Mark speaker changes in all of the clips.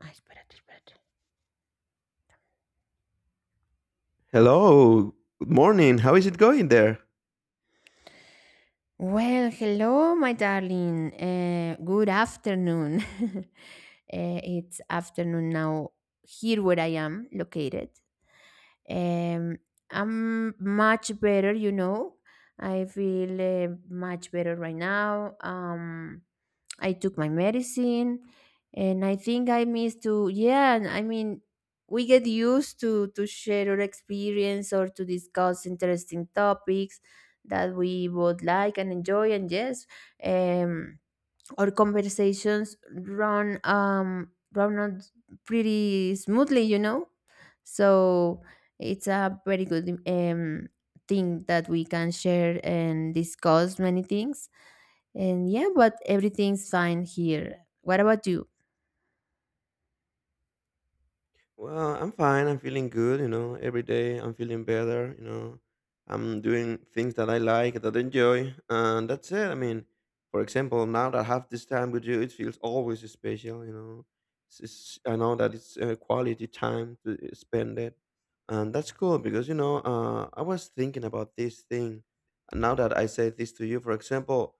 Speaker 1: Ay, espérate, espérate.
Speaker 2: Hello. Good morning. How is it going there?
Speaker 1: Well, hello, my darling. Good afternoon. It's afternoon now here where I am located. Um, I'm much better, you know. I feel much better right now. I took my medicine, and I think I missed to, yeah, and I mean we get used to share our experience or to discuss interesting topics that we both like and enjoy, and yes, um our conversations run on pretty smoothly, you know? So it's a very good thing that we can share and discuss many things, and yeah, but everything's fine here. What about you?
Speaker 2: Well, I'm fine. I'm feeling good, you know. Every day I'm feeling better, you know. I'm doing things that I like, that I enjoy, and that's it. I mean, for example, now that I have this time with you, it feels always special, you know. I know that it's quality time to spend it, and that's cool because, you know, I was thinking about this thing. And now that I say this to you, for example,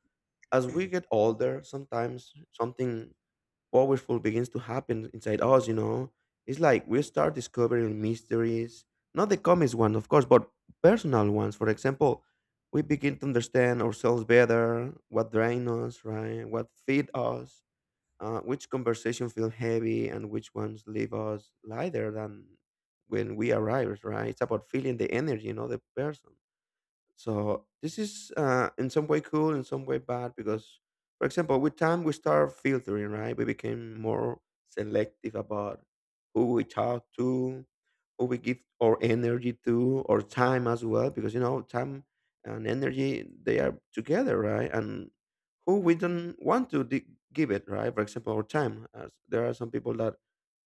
Speaker 2: as we get older, sometimes something powerful begins to happen inside us, you know. It's like we start discovering mysteries, not the comics one, of course, but personal ones. For example, we begin to understand ourselves better, what drain us, right? What feed us, which conversation feel heavy and which ones leave us lighter than when we arrive, right? It's about feeling the energy, you know, the person. So this is in some way cool, in some way bad, because, for example, with time we start filtering, right? We became more selective about who we talk to, who we give our energy to, or time as well, because you know time and energy they are together, right? And who we don't want to give it, right? For example, our time. As there are some people that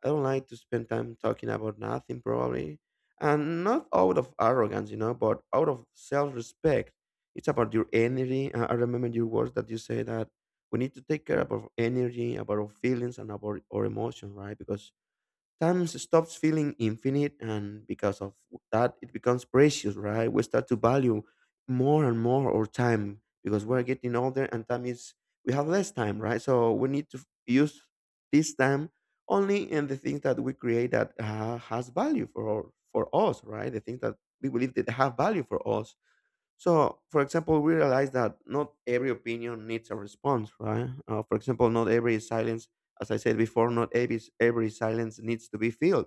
Speaker 2: I don't like to spend time talking about nothing, probably and not out of arrogance, you know, but out of self-respect. It's about your energy. I remember your words that you say that we need to take care about energy, about our feelings, and about our emotion, right? Because time stops feeling infinite and because of that it becomes precious, right? We start to value more and more our time because we're getting older and time is we have less time, right? So we need to use this time only in the things that we create that has value for our, for us, right? The things that we believe that have value for us. So, for example, we realize that not every opinion needs a response, right? For example, not every silence, as I said before, not every silence needs to be filled.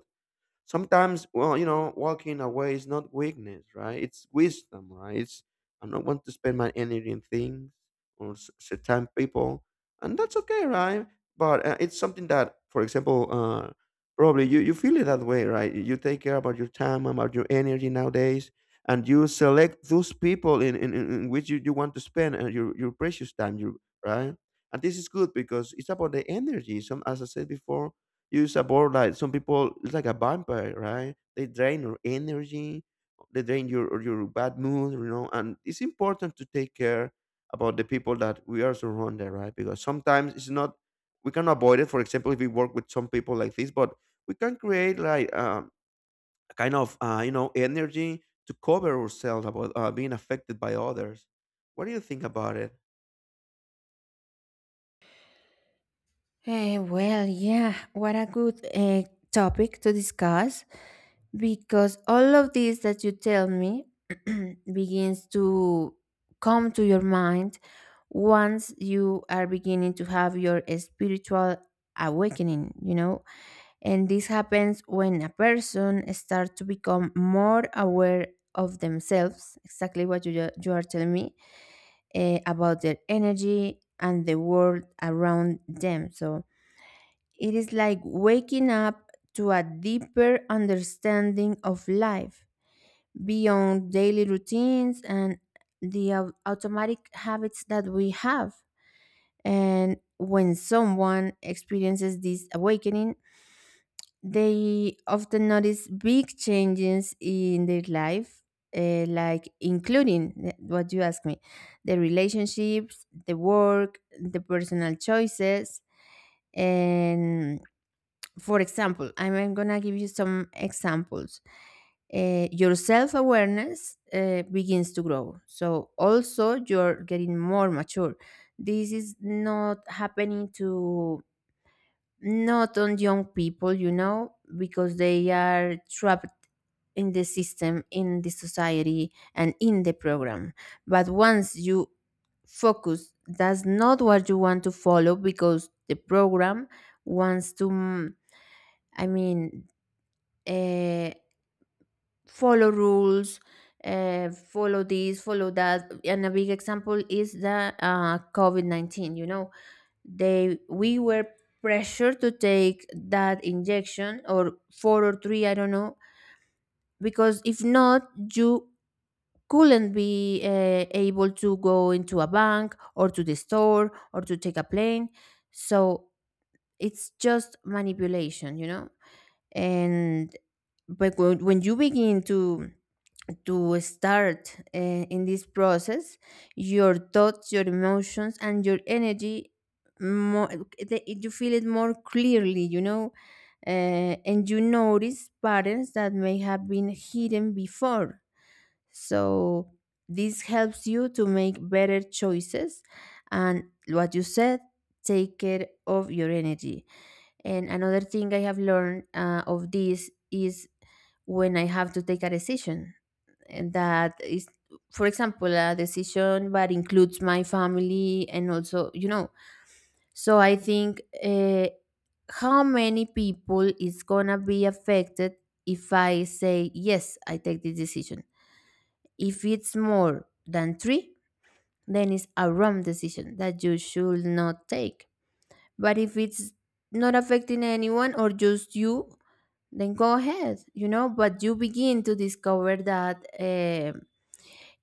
Speaker 2: Sometimes, well, you know, walking away is not weakness, right? It's wisdom, right? It's I don't want to spend my energy in things or certain people, and that's okay, right? But it's something that, for example, probably you feel it that way, right? You take care about your time, about your energy nowadays, and you select those people in which you want to spend your precious time, you right? And this is good because it's about the energy. Some, as I said before, use a board light. Some people it's like a vampire, right? They drain your energy, they drain your or your bad mood, you know. And it's important to take care about the people that we are surrounded, right? Because sometimes it's not we can avoid it. For example, if we work with some people like this, but we can create like a kind of you know energy to cover ourselves about being affected by others. What do you think about it?
Speaker 1: Well, yeah, what a good topic to discuss, because all of this that you tell me begins to come to your mind once you are beginning to have your spiritual awakening, you know. And this happens when a person starts to become more aware of themselves, exactly what you are telling me, about their energy and the world around them. So it is like waking up to a deeper understanding of life beyond daily routines and the automatic habits that we have. And when someone experiences this awakening, they often notice big changes in their life, like including what you asked me, the relationships, the work, the personal choices. And for example, I'm gonna give you some examples. Your self awareness begins to grow. So, also, you're getting more mature. This is not happening to not on young people, you know, because they are trapped in the system, in the society, and in the program. But once you focus, that's not what you want to follow, because the program wants to, I mean, uh, follow rules. Follow this, follow that, and a big example is the COVID COVID-19. You know, they we were pressured to take that injection, or four or three, I don't know, because if not, you couldn't be able to go into a bank, or to the store, or to take a plane. So it's just manipulation, you know. And but when you begin to start in this process, your thoughts, your emotions, and your energy more, you feel it more clearly, you know. And you notice patterns that may have been hidden before. So this helps you to make better choices, and what you said, take care of your energy. And another thing I have learned of this is, when I have to take a decision, that is, for example, a decision that includes my family and also, you know. So I think, how many people is gonna be affected if I say yes, I take this decision? If it's more than three, then it's a wrong decision that you should not take. But if it's not affecting anyone or just you, then go ahead, you know. But you begin to discover that.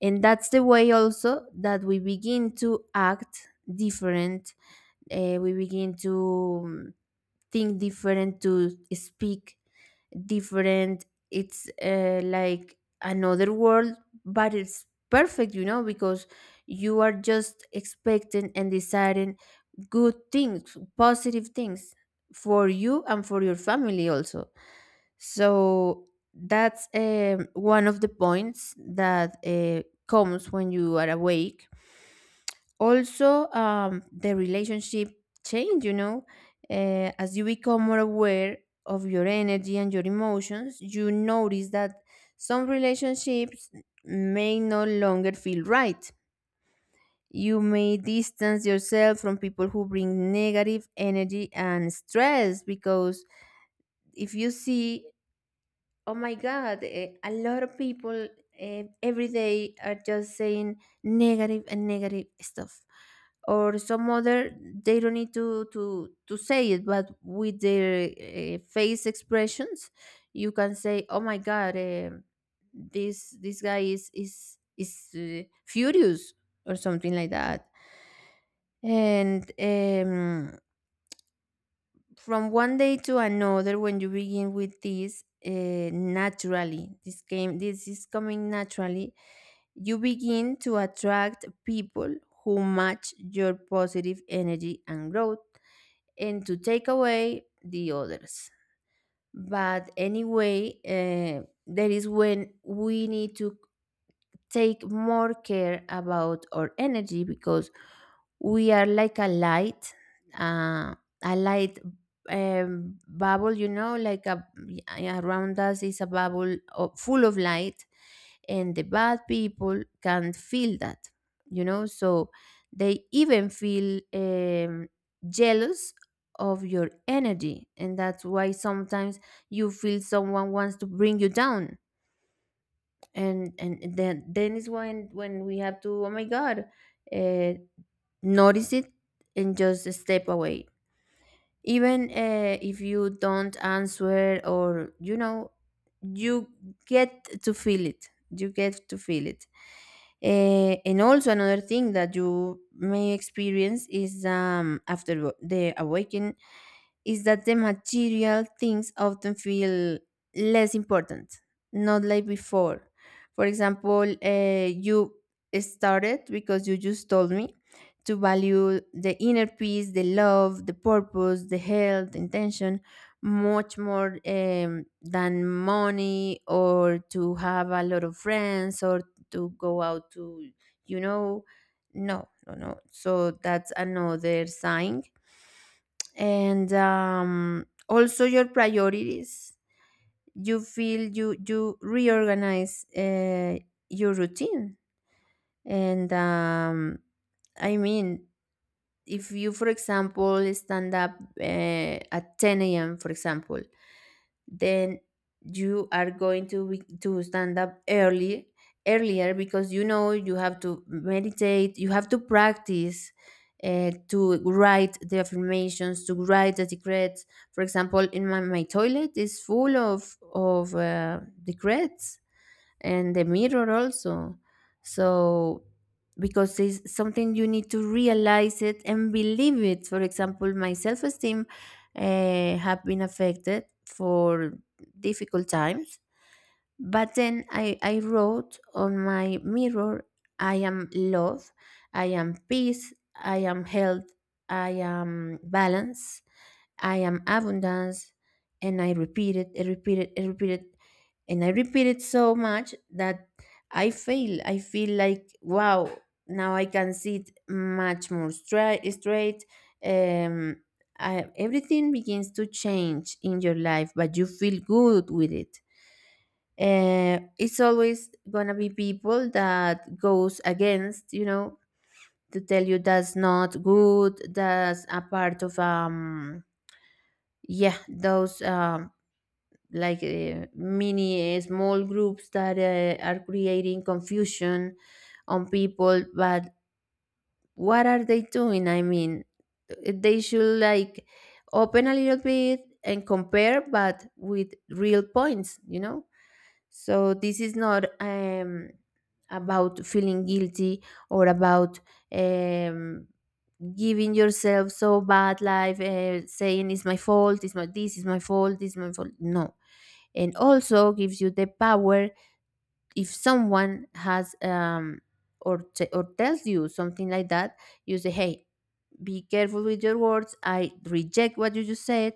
Speaker 1: And that's the way also that we begin to act different. We begin to think different, to speak different. It's like another world, but it's perfect, you know, because you are just expecting and deciding good things, positive things, for you and for your family also. So that's one of the points that comes when you are awake. Also, the relationship change, you know. As you become more aware of your energy and your emotions, you notice that some relationships may no longer feel right. You may distance yourself from people who bring negative energy and stress, because if you see, oh my God, a lot of people, every day are just saying negative and negative stuff, or some other, they don't need to say it, but with their face expressions you can say, oh my God. This guy is furious, or something like that. And from one day to another, when you begin with this naturally, this game, this is coming naturally, you begin to attract people who match your positive energy and growth, and to take away the others. But anyway, that is when we need to take more care about our energy, because we are like uh, a light bubble, you know, yeah, around us is a bubble full of light, and the bad people can feel that, you know. So they even feel jealous of your energy, and that's why sometimes you feel someone wants to bring you down, and then is when we have to, oh my God, uh, notice it and just step away, even if you don't answer, or you know, you get to feel it, you get to feel it. And also another thing that you may experience is, after the awakening, is that the material things often feel less important, not like before. For example, you started, because you just told me, to value the inner peace, the love, the purpose, the health, intention, much more than money, or to have a lot of friends, or to go out to, you know, no, no, no. So that's another sign. And also your priorities. You feel you reorganize your routine, and I mean, if you, for example, stand up uh, at 10 a.m., for example, then you are going to stand up early earlier, because you know you have to meditate, you have to practice, to write the affirmations, to write the decrets. For example, in my toilet is full of decrees, and the mirror also. So, because it's something you need to realize it and believe it. For example, my self-esteem have been affected for difficult times. But then I wrote on my mirror, I am love, I am peace, I am health, I am balance, I am abundance. And I repeated, I repeated, I repeated, and I repeat it so much that I fail. I feel like, wow, now I can see it much more straight. Straight. Um, Everything begins to change in your life, but you feel good with it. It's always gonna be people that goes against, you know, to tell you that's not good. That's a part of yeah, those like mini small groups that are creating confusion on people. But what are they doing, I mean? They should, like, open a little bit and compare, but with real points, you know. So this is not about feeling guilty, or about, um, giving yourself so bad life, saying it's my fault, it's my this is my fault, this is my fault. No. And also gives you the power, if someone has, or or tells you something like that, you say, hey, be careful with your words, I reject what you just said,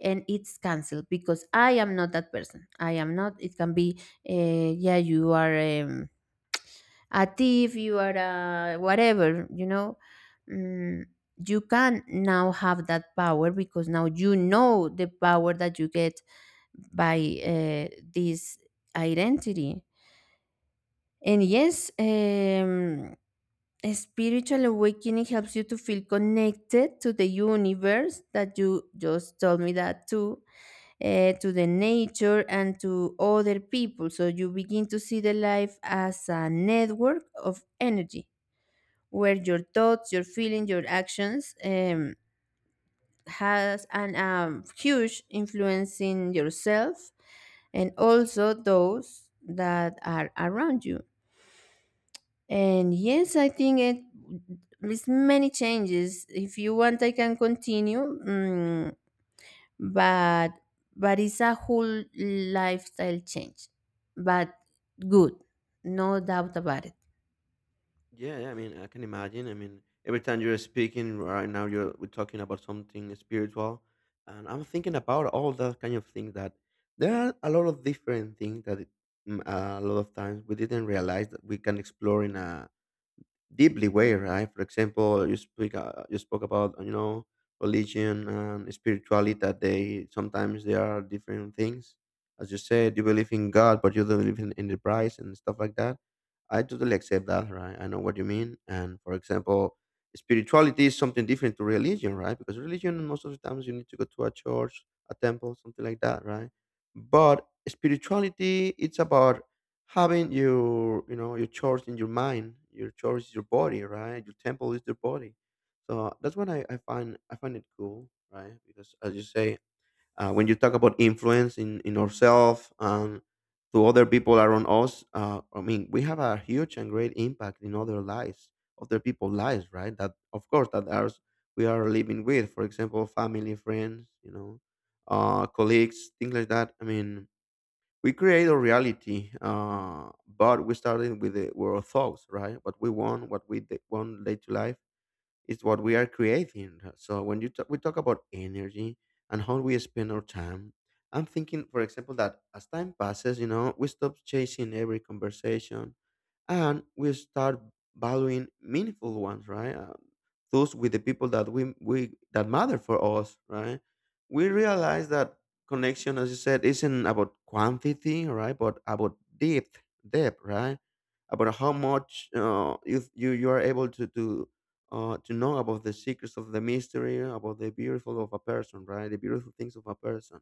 Speaker 1: and it's canceled, because I am not that person. I am not, it can be, yeah, you are, a thief, you are a whatever, you know. mm, you can now have that power, because now you know the power that you get by, this identity. And yes, a spiritual awakening helps you to feel connected to the universe, that you just told me that too, to the nature and to other people. So you begin to see the life as a network of energy where your thoughts, your feelings, your actions, has an huge influence in yourself, and also those that are around you. And yes, I think it is many changes. If you want, I can continue, but but it's a whole lifestyle change, but good, no doubt about it.
Speaker 2: Yeah, yeah, I mean, I can imagine. I mean, every time you're speaking right now, you're we're talking about something spiritual, and I'm thinking about all that kind of things that there are a lot of different things that a lot of times we didn't realize that we can explore in a deeply way, right? For example, you spoke about you know religion and spirituality that they sometimes they are different things. As you said, you believe in God, but you don't believe in the price and stuff like that. I totally accept that, right? I know what you mean. And for example, spirituality is something different to religion, right? Because religion, most of the times, you need to go to a church, a temple, something like that, right? But spirituality, it's about having your, you know, your church in your mind. Your church is your body, right? Your temple is your body. So that's what I find. I find it cool, right? Because as you say, when you talk about influence in ourselves and to other people around us, I mean, we have a huge and great impact in other lives, other people's lives, right? That of course that are we are living with, for example, family, friends, you know, colleagues, things like that. I mean, we create a reality, but we started with, the, with our thoughts, right? What we want, what we want later to life it's what we are creating. So when you talk, we talk about energy and how we spend our time, I'm thinking, for example, that as time passes, you know, we stop chasing every conversation and we start valuing meaningful ones, right? Those with the people that we that matter for us, right? We realize that connection, as you said, isn't about quantity, right? But about depth, right? About how much uh, you are able to to know about the secrets of the mystery, about the beautiful of a person, right? The beautiful things of a person.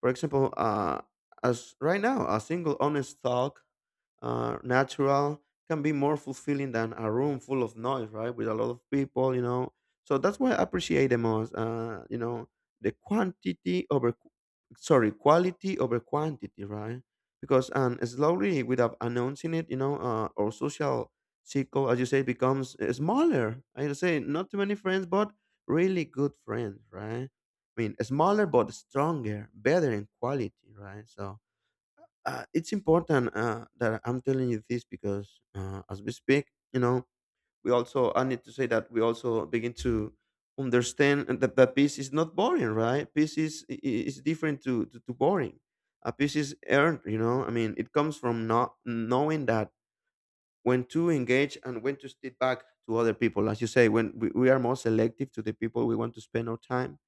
Speaker 2: For example, as right now, a single honest talk natural can be more fulfilling than a room full of noise, right? With a lot of people, you know. So that's why I appreciate the most, you know, the quantity over, sorry, quality over quantity, right? Because and slowly, without announcing it, you know, our social circle, as you say, becomes smaller. I say not too many friends, but really good friends, right? I mean, smaller but stronger, better in quality, right? So it's important that I'm telling you this because as we speak, you know, we also I need to say that we also begin to understand that, that peace is not boring, right? Peace is is different to boring. A peace is earned, you know. I mean, it comes from not knowing that when to engage and when to step back to other people. As you say, when we are more selective to the people we want to spend our time,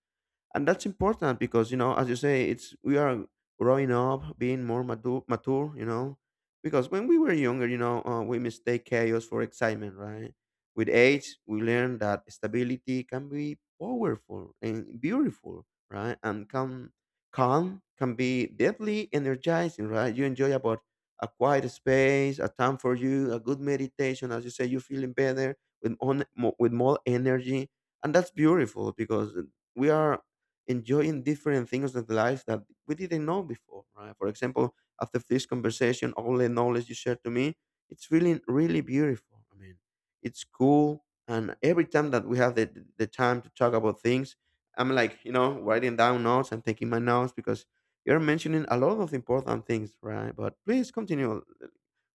Speaker 2: and that's important because you know as you say it's we are growing up being more mature, you know. Because when we were younger, you know, we mistake chaos for excitement, right? With age we learn that stability can be powerful and beautiful, right? And can calm can be deeply energizing, right? You enjoy about a quiet space, a time for you, a good meditation. As you say, you're feeling better with with more energy, and that's beautiful because we are enjoying different things of life that we didn't know before, right? For example, after this conversation, all the knowledge you shared to me, it's really, really beautiful. I mean, it's cool. And every time that we have the time to talk about things, I'm like, you know, writing down notes and taking my notes because you're mentioning a lot of important things, right? But please continue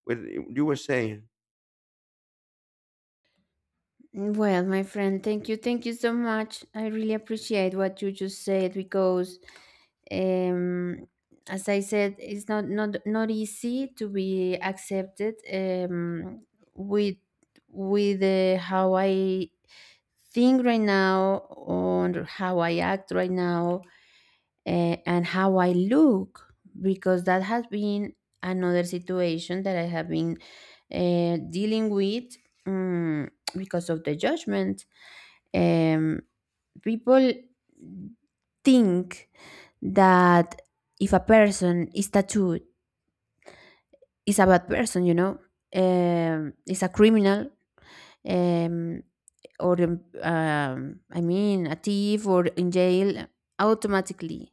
Speaker 2: with you were saying.
Speaker 1: Well, my friend, thank you. Thank you so much. I really appreciate what you just said, because um as I said, it's not easy to be accepted, with with how I think right now, or how I act right now, and how I look, because that has been another situation that I have been dealing with, um, because of the judgment. Um, People think that if a person is tattooed, is a bad person, you know, is a criminal, um, or I mean, a thief or in jail automatically.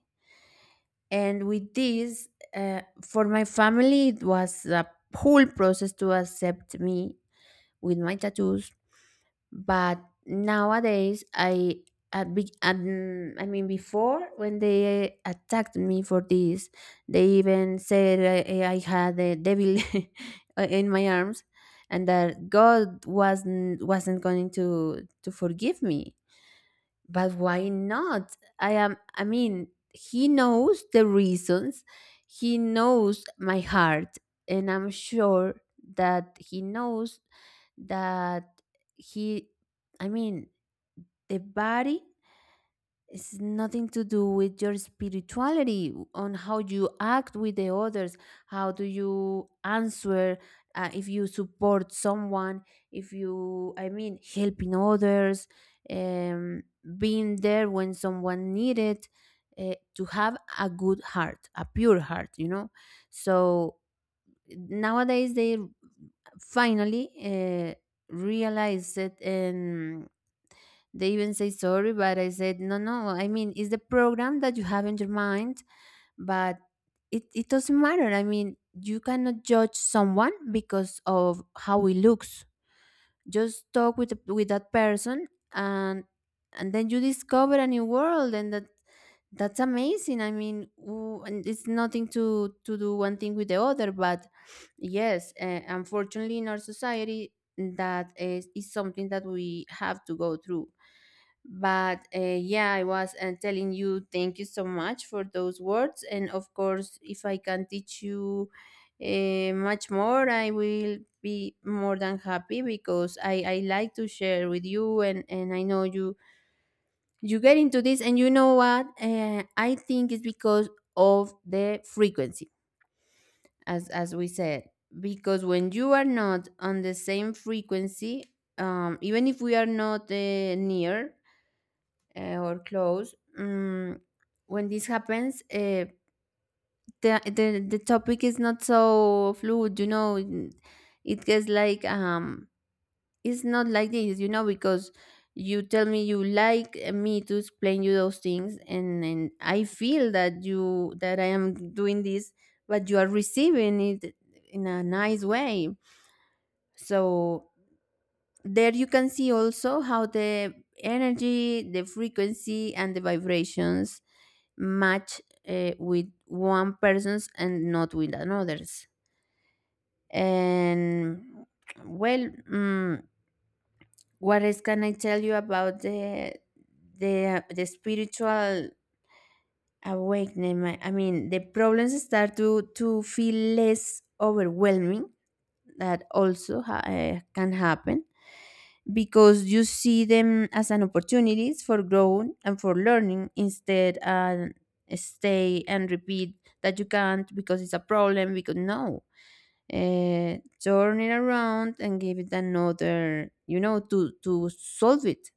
Speaker 1: And with this, for my family, it was a whole process to accept me with my tattoos. But nowadays, I mean, before, when they attacked me for this, they even said I had a devil in my arms, and that God wasn't going to forgive me, but why not? I am, he knows the reasons, he knows my heart, and I'm sure that he knows that he, I mean, the body it's nothing to do with your spirituality on how you act with the others. How do you answer? If you support someone, if you, helping others, um, being there when someone needed, to have a good heart, a pure heart. So nowadays they finally realize it and. They even say sorry, but I said, no, no. I mean, it's the program that you have in your mind, but it doesn't matter. I mean, you cannot judge someone because of how he looks. Just talk with with that person, and then you discover a new world, and that's amazing. I mean, and it's nothing to to do one thing with the other, but yes, unfortunately, in our society, that is something that we have to go through. But yeah, I was telling you thank you so much for those words. And of course, if I can teach you much more, I will be more than happy because I like to share with you, and I know you, you get into this. And you know what? I think it's because of the frequency, as we said, because when you are not on the same frequency, even if we are not near or close. Mm, when this happens, the topic is not so fluid, you know. It gets like it's not like this, you know, because you tell me you like me to explain you those things, and I feel that you that I am doing this, but you are receiving it in a nice way. So there you can see also how the energy, the frequency, and the vibrations match with one person's and not with another's. And well, what else can I tell you about the spiritual awakening? I mean, the problems start to feel less overwhelming. That also can happen because you see them as an opportunities for growth and for learning instead, and stay and repeat that you can't because it's a problem because no, turn it around and give it another, you know, to solve it.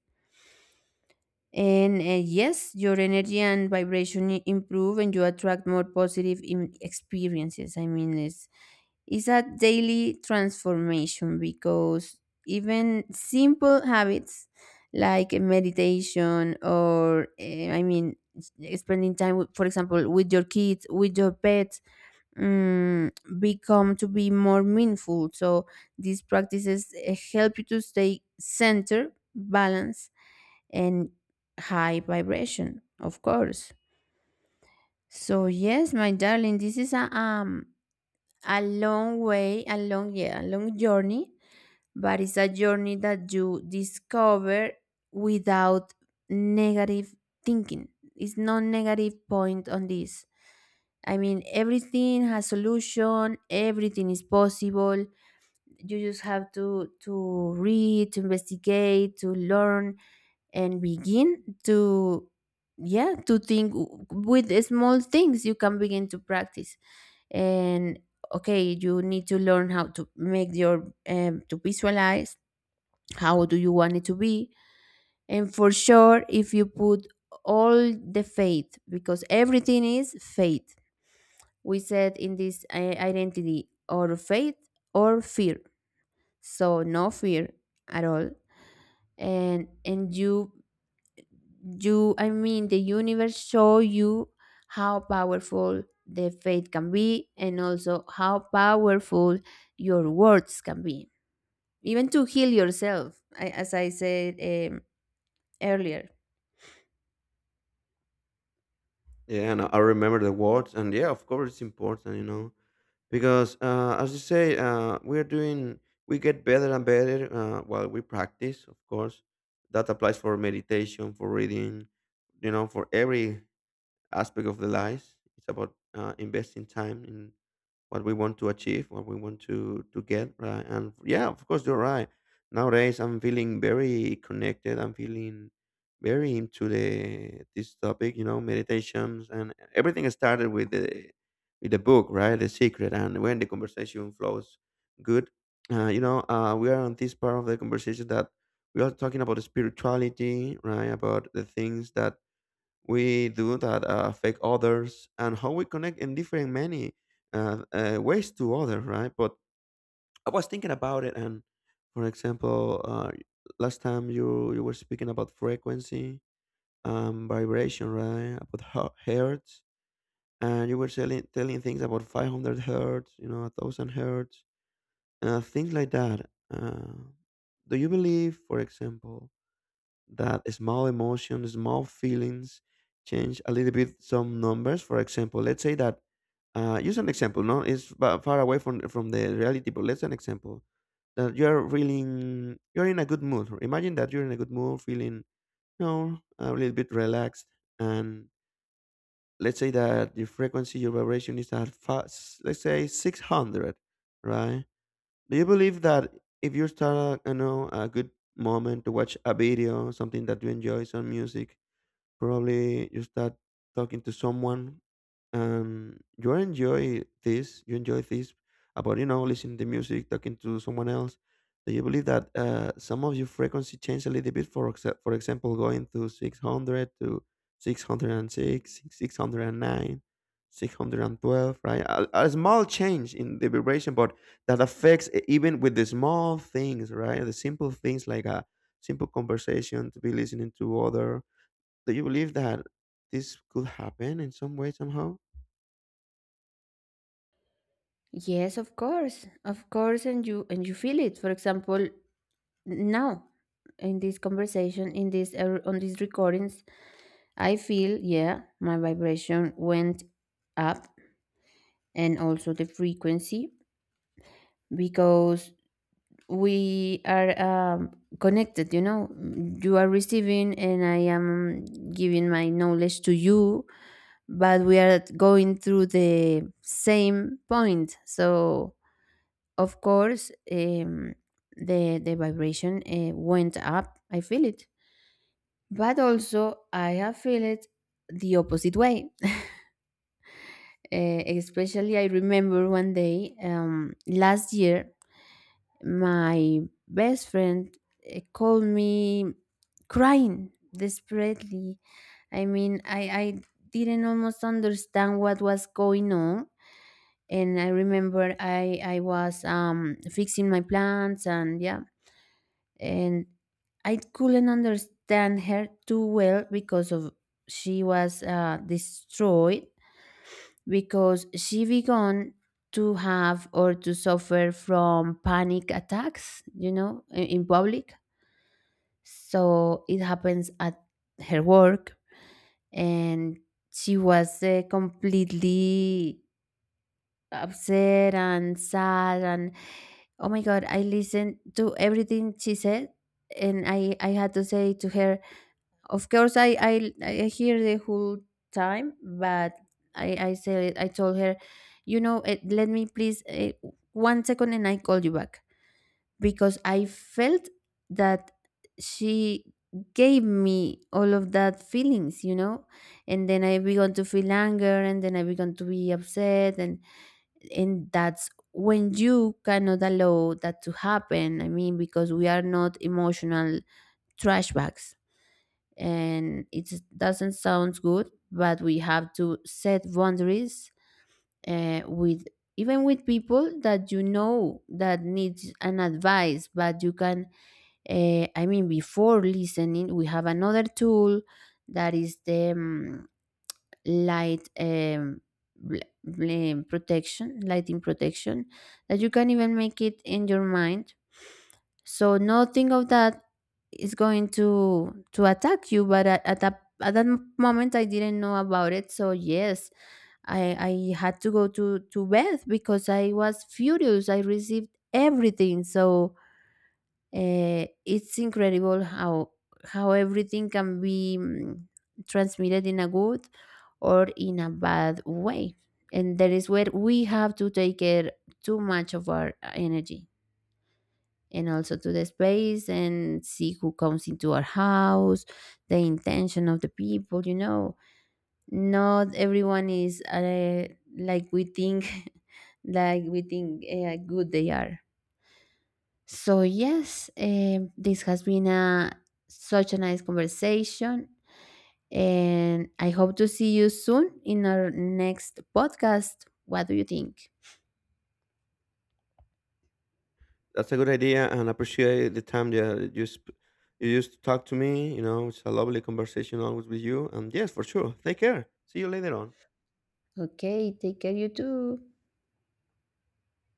Speaker 1: And yes, your energy and vibration improve, and you attract more positive experiences. I mean, it's a daily transformation because even simple habits like meditation or, spending time, with, for example, with your kids, with your pets, um, become to be more meaningful. So these practices help you to stay centered, balanced, and high vibration, of course. So yes, my darling, this is a long way, a long, yeah, a long journey, but it's a journey that you discover without negative thinking. It's no negative point on this. I mean, everything has solution. Everything is possible. You just have to read, to investigate, to learn, and begin to, yeah, to think with the small things you can begin to practice. And okay, you need to learn how to make your to visualize how do you want it to be. And for sure, if you put all the faith, because everything is faith, we said in this identity or faith or fear, so no fear at all. And you, you, the universe show you how powerful the faith can be, and also how powerful your words can be, even to heal yourself, I, as I said, um, earlier.
Speaker 2: Yeah, and I remember the words. And yeah, of course, it's important, you know, because as you say, we're doing we get better and better while we practice, of course. That applies for meditation, for reading, you know, for every aspect of the life. It's about investing time in what we want to achieve, what we want to get, right? And yeah, of course, you're right. Nowadays, I'm feeling very connected. I'm feeling very into the this topic, you know, meditations and everything started with the book, right? The Secret, and when the conversation flows good, you know, we are on this part of the conversation that we are talking about spirituality, right? About the things that we do that affect others and how we connect in different many ways to others, right? But I was thinking about it, and for example, last time you were speaking about frequency, vibration, right? About hertz, and you were telling things about 500 hertz, you know, 1000 hertz, things like that. Do you believe, for example, that small emotions, small feelings change a little bit some numbers. For example, let's say that, use an example, no? It's far away from the reality, but let's an example that you're feeling, you're in a good mood. Imagine that you're in a good mood, feeling, you know, a little bit relaxed. And let's say that your frequency, your vibration is at, let's say 600, right? Do you believe that if you start a, you know, a good moment to watch a video, something that you enjoy, some music, probably you start talking to someone and you enjoy this about, you know, listening to music, talking to someone else. Do you believe that some of your frequency change a little bit? For, for example, going to 600 to 606, 609, 612, right? A small change in the vibration, but that affects even with the small things, right? The simple things like a simple conversation to be listening to other. Do you believe that this could happen in some way, somehow?
Speaker 1: Yes, of course, of course. And you, and you feel it, for example, now in this conversation, in this on these recordings, I feel, yeah, my vibration went up, and also the frequency, because we are connected, you know. Mm, you are receiving and I am giving my knowledge to you, but we are going through the same point. So of course, the vibration went up, I feel it. But also I have feel it the opposite way. Eh, especially I remember one day, last year. My best friend called me crying desperately. I mean, I didn't almost understand what was going on. And I remember I was fixing my plants, and yeah. And I couldn't understand her too well because of she was destroyed, because she began to have or to suffer from panic attacks, you know, in public. So it happens at her work, and she was completely upset and sad. And oh my God, I listened to everything she said, and I had to say to her, of course, I hear the whole time. But I said, I told her, you know, let me please, one second, and I call you back. Because I felt that she gave me all of that feelings, you know, and then I began to feel anger, and then I began to be upset, and that's when you cannot allow that to happen. I mean, because we are not emotional trash bags, and it doesn't sound good, but we have to set boundaries with, even with people that you know that needs an advice. But you can, before listening, we have another tool, that is the light, protection, lighting protection, that you can even make it in your mind. So nothing of that is going to attack you. But at that moment, I didn't know about it. So yes, I I had to go to bed because I was furious. I received everything. So it's incredible how everything can be, transmitted in a good or in a bad way, and that is where we have to take care too much of our energy, and also to the space, and see who comes into our house, the intention of the people. You know, not everyone is like we think, like we think, good they are. So yes, this has been a such a nice conversation, and I hope to see you soon in our next podcast. What do you think?
Speaker 2: That's a good idea, and I appreciate the time that you you used to talk to me. You know, it's a lovely conversation always with you. And yes, for sure. Take care. See you later on.
Speaker 1: Okay, take care, you too.